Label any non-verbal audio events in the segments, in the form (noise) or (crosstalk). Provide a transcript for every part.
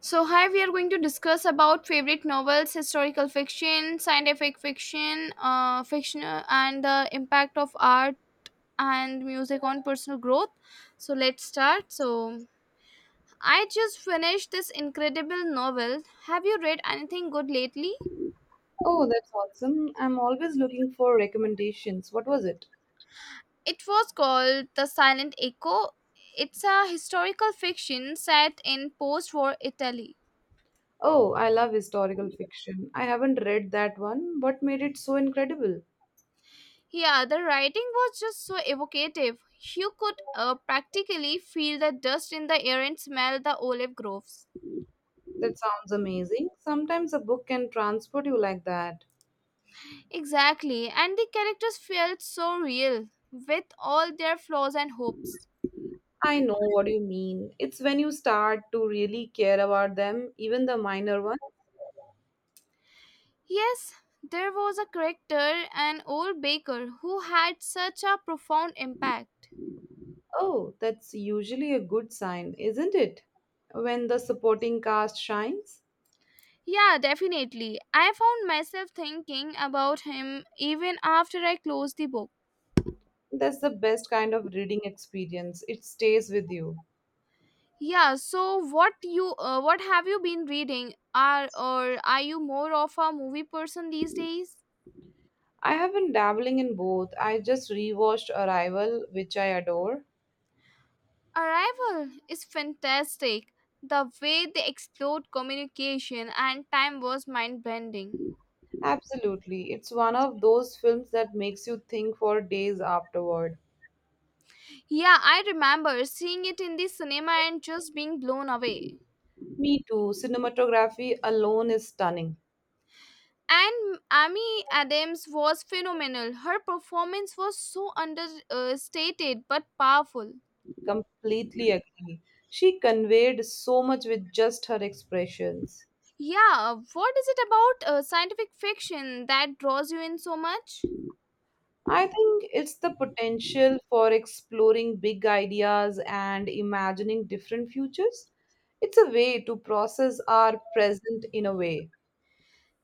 So here we are going to discuss about favorite novels, historical fiction, scientific fiction, fiction, and the impact of art and music on personal growth. So let's start. So I just finished this incredible novel. Have you read anything good lately? Oh, that's awesome. I'm always looking for recommendations. What was it? It was called The Silent Echo. It's a historical fiction set in post-war Italy. Oh, I love historical fiction. I haven't read that one. What made it so incredible? Yeah, the writing was just so evocative. You could practically feel the dust in the air and smell the olive groves. That sounds amazing. Sometimes a book can transport you like that. Exactly, and the characters felt so real, with all their flaws and hopes. I know what you mean. It's when you start to really care about them, even the minor ones. Yes, there was a character, an old baker, who had such a profound impact. Oh, that's usually a good sign, isn't it? When the supporting cast shines, Yeah, definitely. I found myself thinking about him even after I closed the book. that's the best kind of reading experience. It stays with you. Yeah, so what have you been reading? Are or are you more of a movie person these days? I have been dabbling in both. I just rewatched Arrival, which I adore. Arrival is fantastic. The way they explored communication and time was mind bending. Absolutely. It's one of those films that makes you think for days afterward. Yeah, I remember seeing it in the cinema and just being blown away. Me too. Cinematography alone is stunning. And Amy Adams was phenomenal. Her performance was so understated but powerful. Completely agree. She conveyed so much with just her expressions. Yeah, what is it about scientific fiction that draws you in so much? I think it's the potential for exploring big ideas and imagining different futures. It's a way to process our present in a way.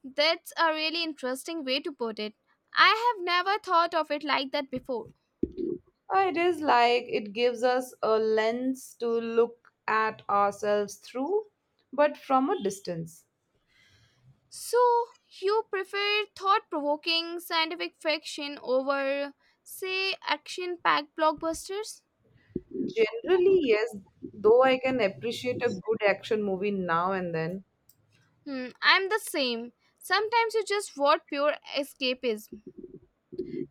That's a really interesting way to put it. I have never thought of it like that before. It is like it gives us a lens to look at ourselves through, but from a distance. So, you prefer thought provoking scientific fiction over, say, action packed blockbusters? Generally, yes, though I can appreciate a good action movie now and then. Hmm, I'm the same. Sometimes you just want pure escapism.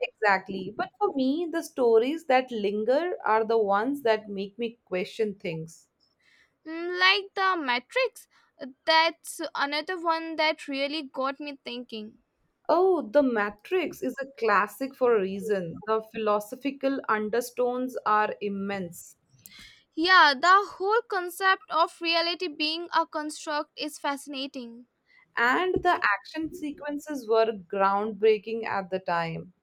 Exactly. But for me, the stories that linger are the ones that make me question things. Hmm, like The Matrix. That's another one that really got me thinking. Oh, The Matrix is a classic for a reason. The philosophical undertones are immense, Yeah, the whole concept of reality being a construct is fascinating. and the action sequences were groundbreaking at the time.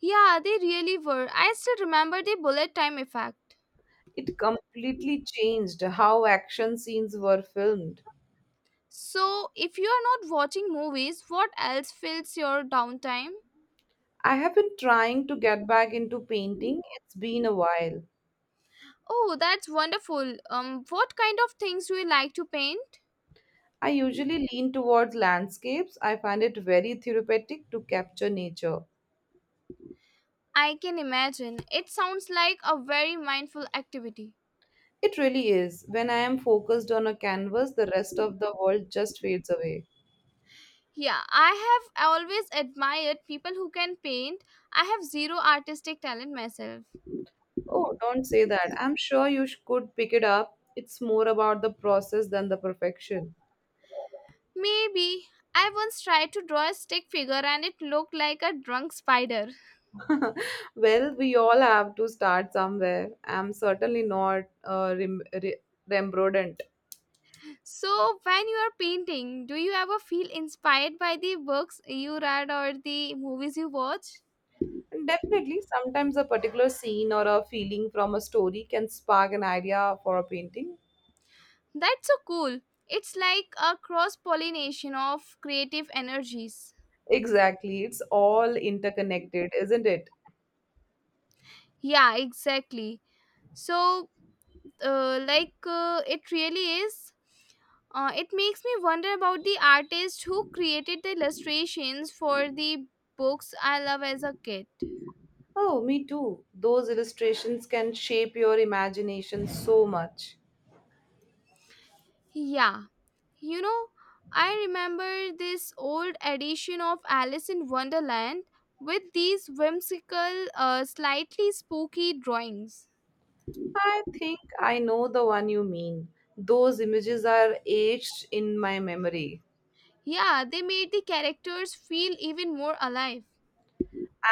Yeah, they really were. I still remember the bullet time effect. It completely changed how action scenes were filmed. So, if you are not watching movies, what else fills your downtime? I have been trying to get back into painting, it's been a while. Oh, that's wonderful. What kind of things do you like to paint? I usually lean towards landscapes, I find it very therapeutic to capture nature. I can imagine. It sounds like a very mindful activity. It really is. When I am focused on a canvas, the rest of the world just fades away. Yeah, I have always admired people who can paint. I have zero artistic talent myself. Oh, don't say that. I'm sure you could pick it up. It's more about the process than the perfection. Maybe. I once tried to draw a stick figure and it looked like a drunk spider. (laughs) Well, we all have to start somewhere. I'm certainly not Rembrandt. So, when you are painting, do you ever feel inspired by the books you read or the movies you watch? And definitely, sometimes a particular scene or a feeling from a story can spark an idea for a painting. That's so cool. It's like a cross pollination of creative energies. Exactly, it's all interconnected, isn't it? Yeah, exactly. So, it really is. It makes me wonder about the artist who created the illustrations for the books I love as a kid. Oh, me too. Those illustrations can shape your imagination so much. Yeah, you know, I remember this old edition of Alice in Wonderland with these whimsical, slightly spooky drawings. I think I know the one you mean. Those images are etched in my memory. Yeah, they made the characters feel even more alive.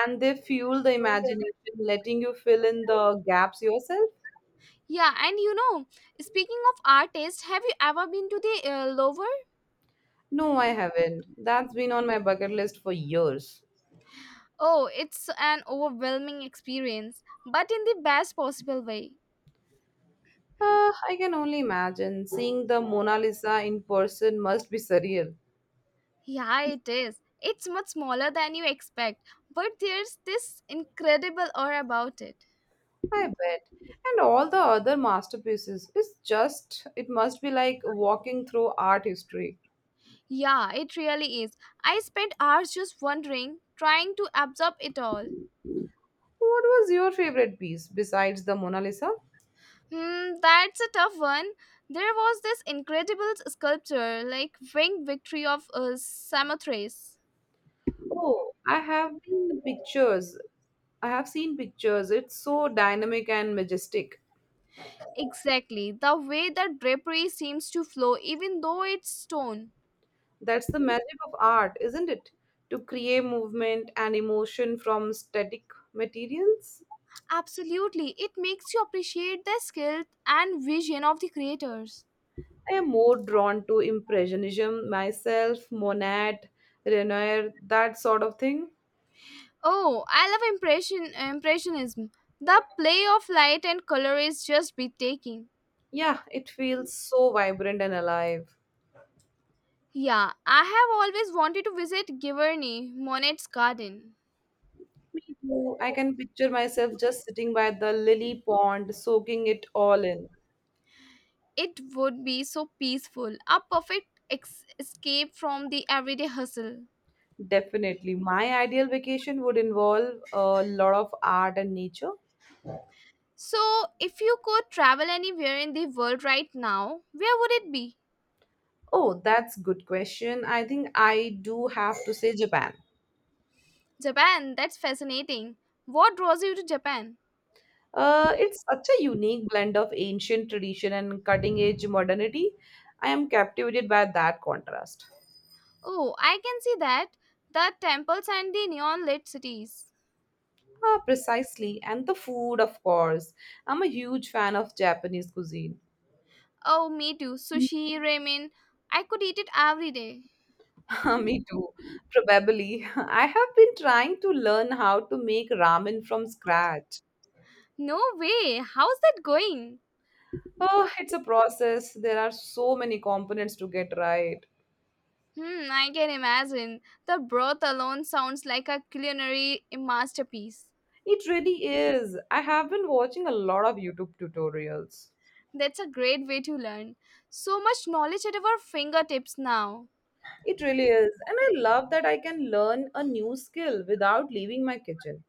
And they fuel the imagination, letting you fill in the gaps yourself? Yeah, and you know, speaking of artists, have you ever been to the Louvre? No, I haven't. That's been on my bucket list for years. Oh, it's an overwhelming experience, but in the best possible way. I can only imagine. Seeing the Mona Lisa in person must be surreal. Yeah, it is. It's much smaller than you expect, but there's this incredible aura about it. I bet. And all the other masterpieces. It's just, it must be like walking through art history. Yeah, it really is. I spent hours just wondering, trying to absorb it all. What was your favorite piece besides the Mona Lisa? Hmm, that's a tough one. There was this incredible sculpture, like Winged Victory of Samothrace. Oh, I have been the pictures. I have seen pictures. It's so dynamic and majestic. Exactly. The way the drapery seems to flow, even though it's stone. That's the magic of art, isn't it? To create movement and emotion from static materials. Absolutely. It makes you appreciate the skill and vision of the creators. I am more drawn to Impressionism myself, Monet, Renoir, that sort of thing. Oh, I love impressionism. The play of light and color is just breathtaking. Yeah, it feels so vibrant and alive. Yeah, I have always wanted to visit Giverny, Monet's garden. Me too. I can picture myself just sitting by the lily pond, soaking it all in. It would be so peaceful, a perfect escape from the everyday hustle. Definitely. My ideal vacation would involve a lot of art and nature. So, if you could travel anywhere in the world right now, where would it be? Oh, that's good question. I think I do have to say Japan. Japan, that's fascinating. What draws you to Japan? It's such a unique blend of ancient tradition and cutting edge modernity. I am captivated by that contrast. Oh, I can see that. The temples and the neon lit cities. Ah, precisely. And the food, of course. I'm a huge fan of Japanese cuisine. Oh, me too. Sushi, ramen. I could eat it every day. (laughs) Me too, probably. (laughs) I have been trying to learn how to make ramen from scratch. No way. How's that going? Oh, it's a process. There are so many components to get right. Hmm, I can imagine. The broth alone sounds like a culinary masterpiece. It really is. I have been watching a lot of YouTube tutorials. That's a great way to learn. So much knowledge at our fingertips now. It really is. And I love that I can learn a new skill without leaving my kitchen.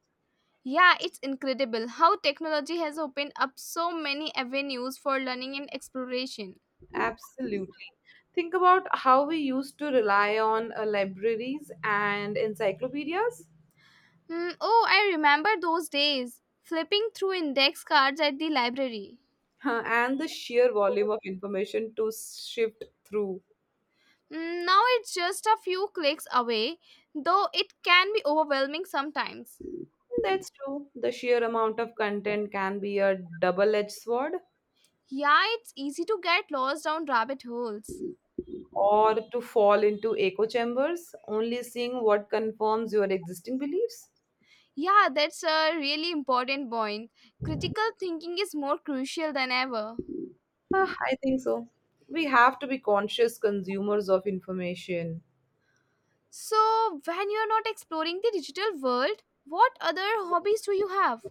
Yeah, it's incredible how technology has opened up so many avenues for learning and exploration. Absolutely. Think about how we used to rely on libraries and encyclopedias, Hmm, oh, I remember those days flipping through index cards at the library. huh, and the sheer volume of information to shift through. Hmm, now it's just a few clicks away, though it can be overwhelming sometimes. That's true. The sheer amount of content can be a double edged sword. Yeah, it's easy to get lost down rabbit holes. Or to fall into echo chambers, only seeing what confirms your existing beliefs? Yeah, that's a really important point. Critical thinking is more crucial than ever. Ah, I think so. We have to be conscious consumers of information. So, when you're not exploring the digital world, what other hobbies do you have?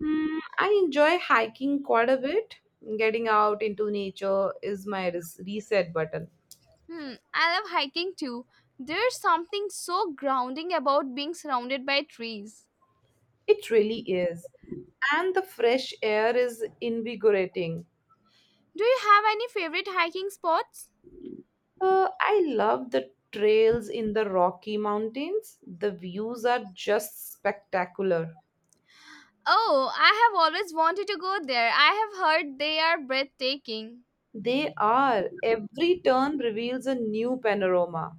Hmm, I enjoy hiking quite a bit. Getting out into nature is my reset button. Hmm, I love hiking too. There's something so grounding about being surrounded by trees. It really is. And the fresh air is invigorating. Do you have any favorite hiking spots? I love the trails in the Rocky Mountains. The views are just spectacular. Oh, I have always wanted to go there. I have heard they are breathtaking. They are. Every turn reveals a new panorama.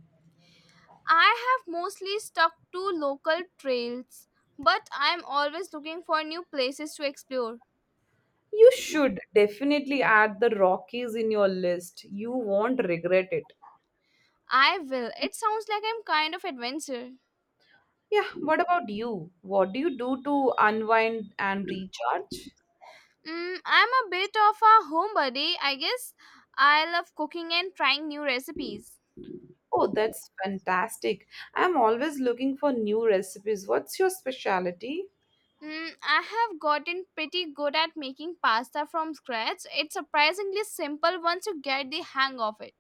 I have mostly stuck to local trails, but I'm always looking for new places to explore. You should definitely add the Rockies in your list. You won't regret it. I will. It sounds like I'm kind of adventure. Yeah, what about you? What do you do to unwind and recharge? Mm, I'm a bit of a homebody, I guess. I love cooking and trying new recipes. Oh, that's fantastic. I'm always looking for new recipes. What's your specialty? Mm, I have gotten pretty good at making pasta from scratch. It's surprisingly simple once you get the hang of it.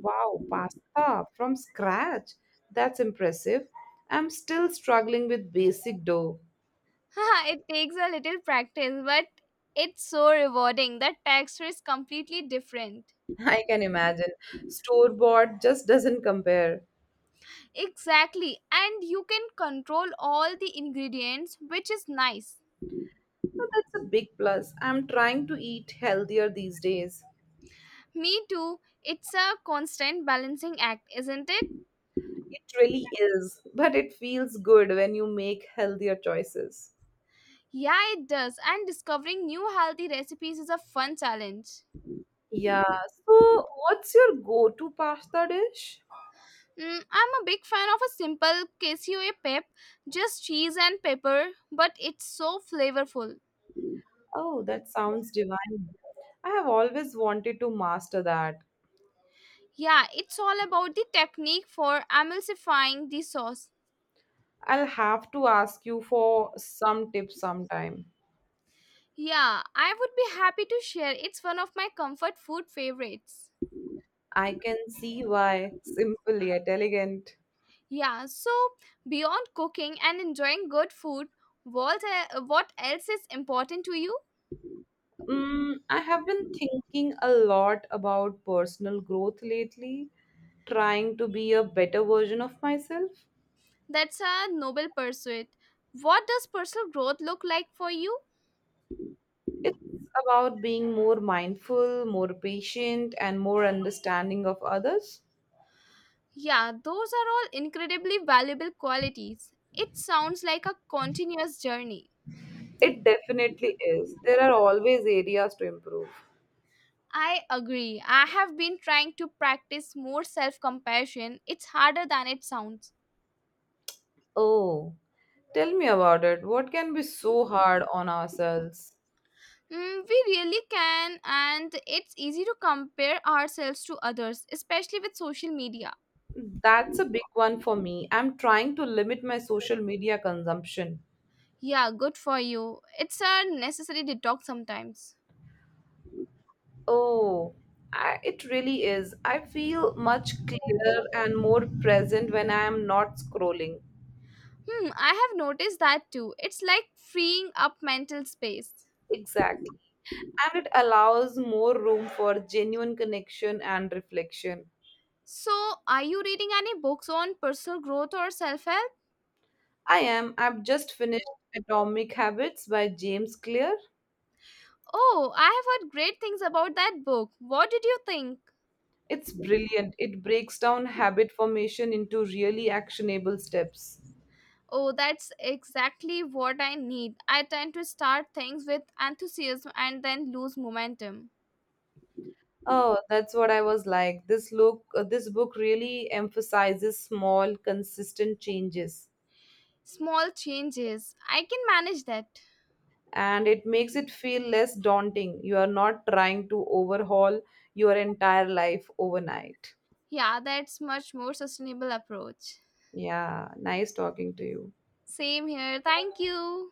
Wow, pasta from scratch. That's impressive. I'm still struggling with basic dough. (laughs) It takes a little practice, but it's so rewarding. The texture is completely different. (laughs) I can imagine. Store bought just doesn't compare. Exactly, and you can control all the ingredients, which is nice. But that's a big plus. I'm trying to eat healthier these days. Me too. It's a constant balancing act, isn't it? It really is, but it feels good when you make healthier choices. Yeah, it does, and discovering new healthy recipes is a fun challenge. Yeah. So, what's your go to pasta dish? Mm, I'm a big fan of a simple queso pep, just cheese and pepper, but it's so flavorful. Oh, that sounds divine. I have always wanted to master that. Yeah, it's all about the technique for emulsifying the sauce. I'll have to ask you for some tips sometime. Yeah, I would be happy to share. It's one of my comfort food favorites. I can see why. Simple yet elegant. Yeah, so beyond cooking and enjoying good food, what else is important to you? Mm, I have been thinking a lot about personal growth lately, trying to be a better version of myself. That's a noble pursuit. What does personal growth look like for you? It's about being more mindful, more patient, and more understanding of others. Yeah, those are all incredibly valuable qualities. It sounds like a continuous journey. It definitely is. There are always areas to improve. I agree. I have been trying to practice more self compassion. It's harder than it sounds. Oh, tell me about it. What can be so hard on ourselves? Mm, we really can, and it's easy to compare ourselves to others, especially with social media. That's a big one for me. I'm trying to limit my social media consumption. Yeah, good for you. It's a necessary detox sometimes. Oh, it really is. I feel much clearer and more present when I am not scrolling. Hmm, I have noticed that too. It's like freeing up mental space. Exactly. And it allows more room for genuine connection and reflection. So, are you reading any books on personal growth or self help? I am. I've just finished Atomic Habits by James Clear. Oh, I have heard great things about that book. What did you think? It's brilliant. It breaks down habit formation into really actionable steps. Oh, that's exactly what I need. I tend to start things with enthusiasm and then lose momentum. Oh, that's what I was like. This book really emphasizes small, consistent changes. Small changes. I can manage that. And it makes it feel less daunting. You are not trying to overhaul your entire life overnight. Yeah, that's much more sustainable approach. Yeah, nice talking to you. Same here. Thank you.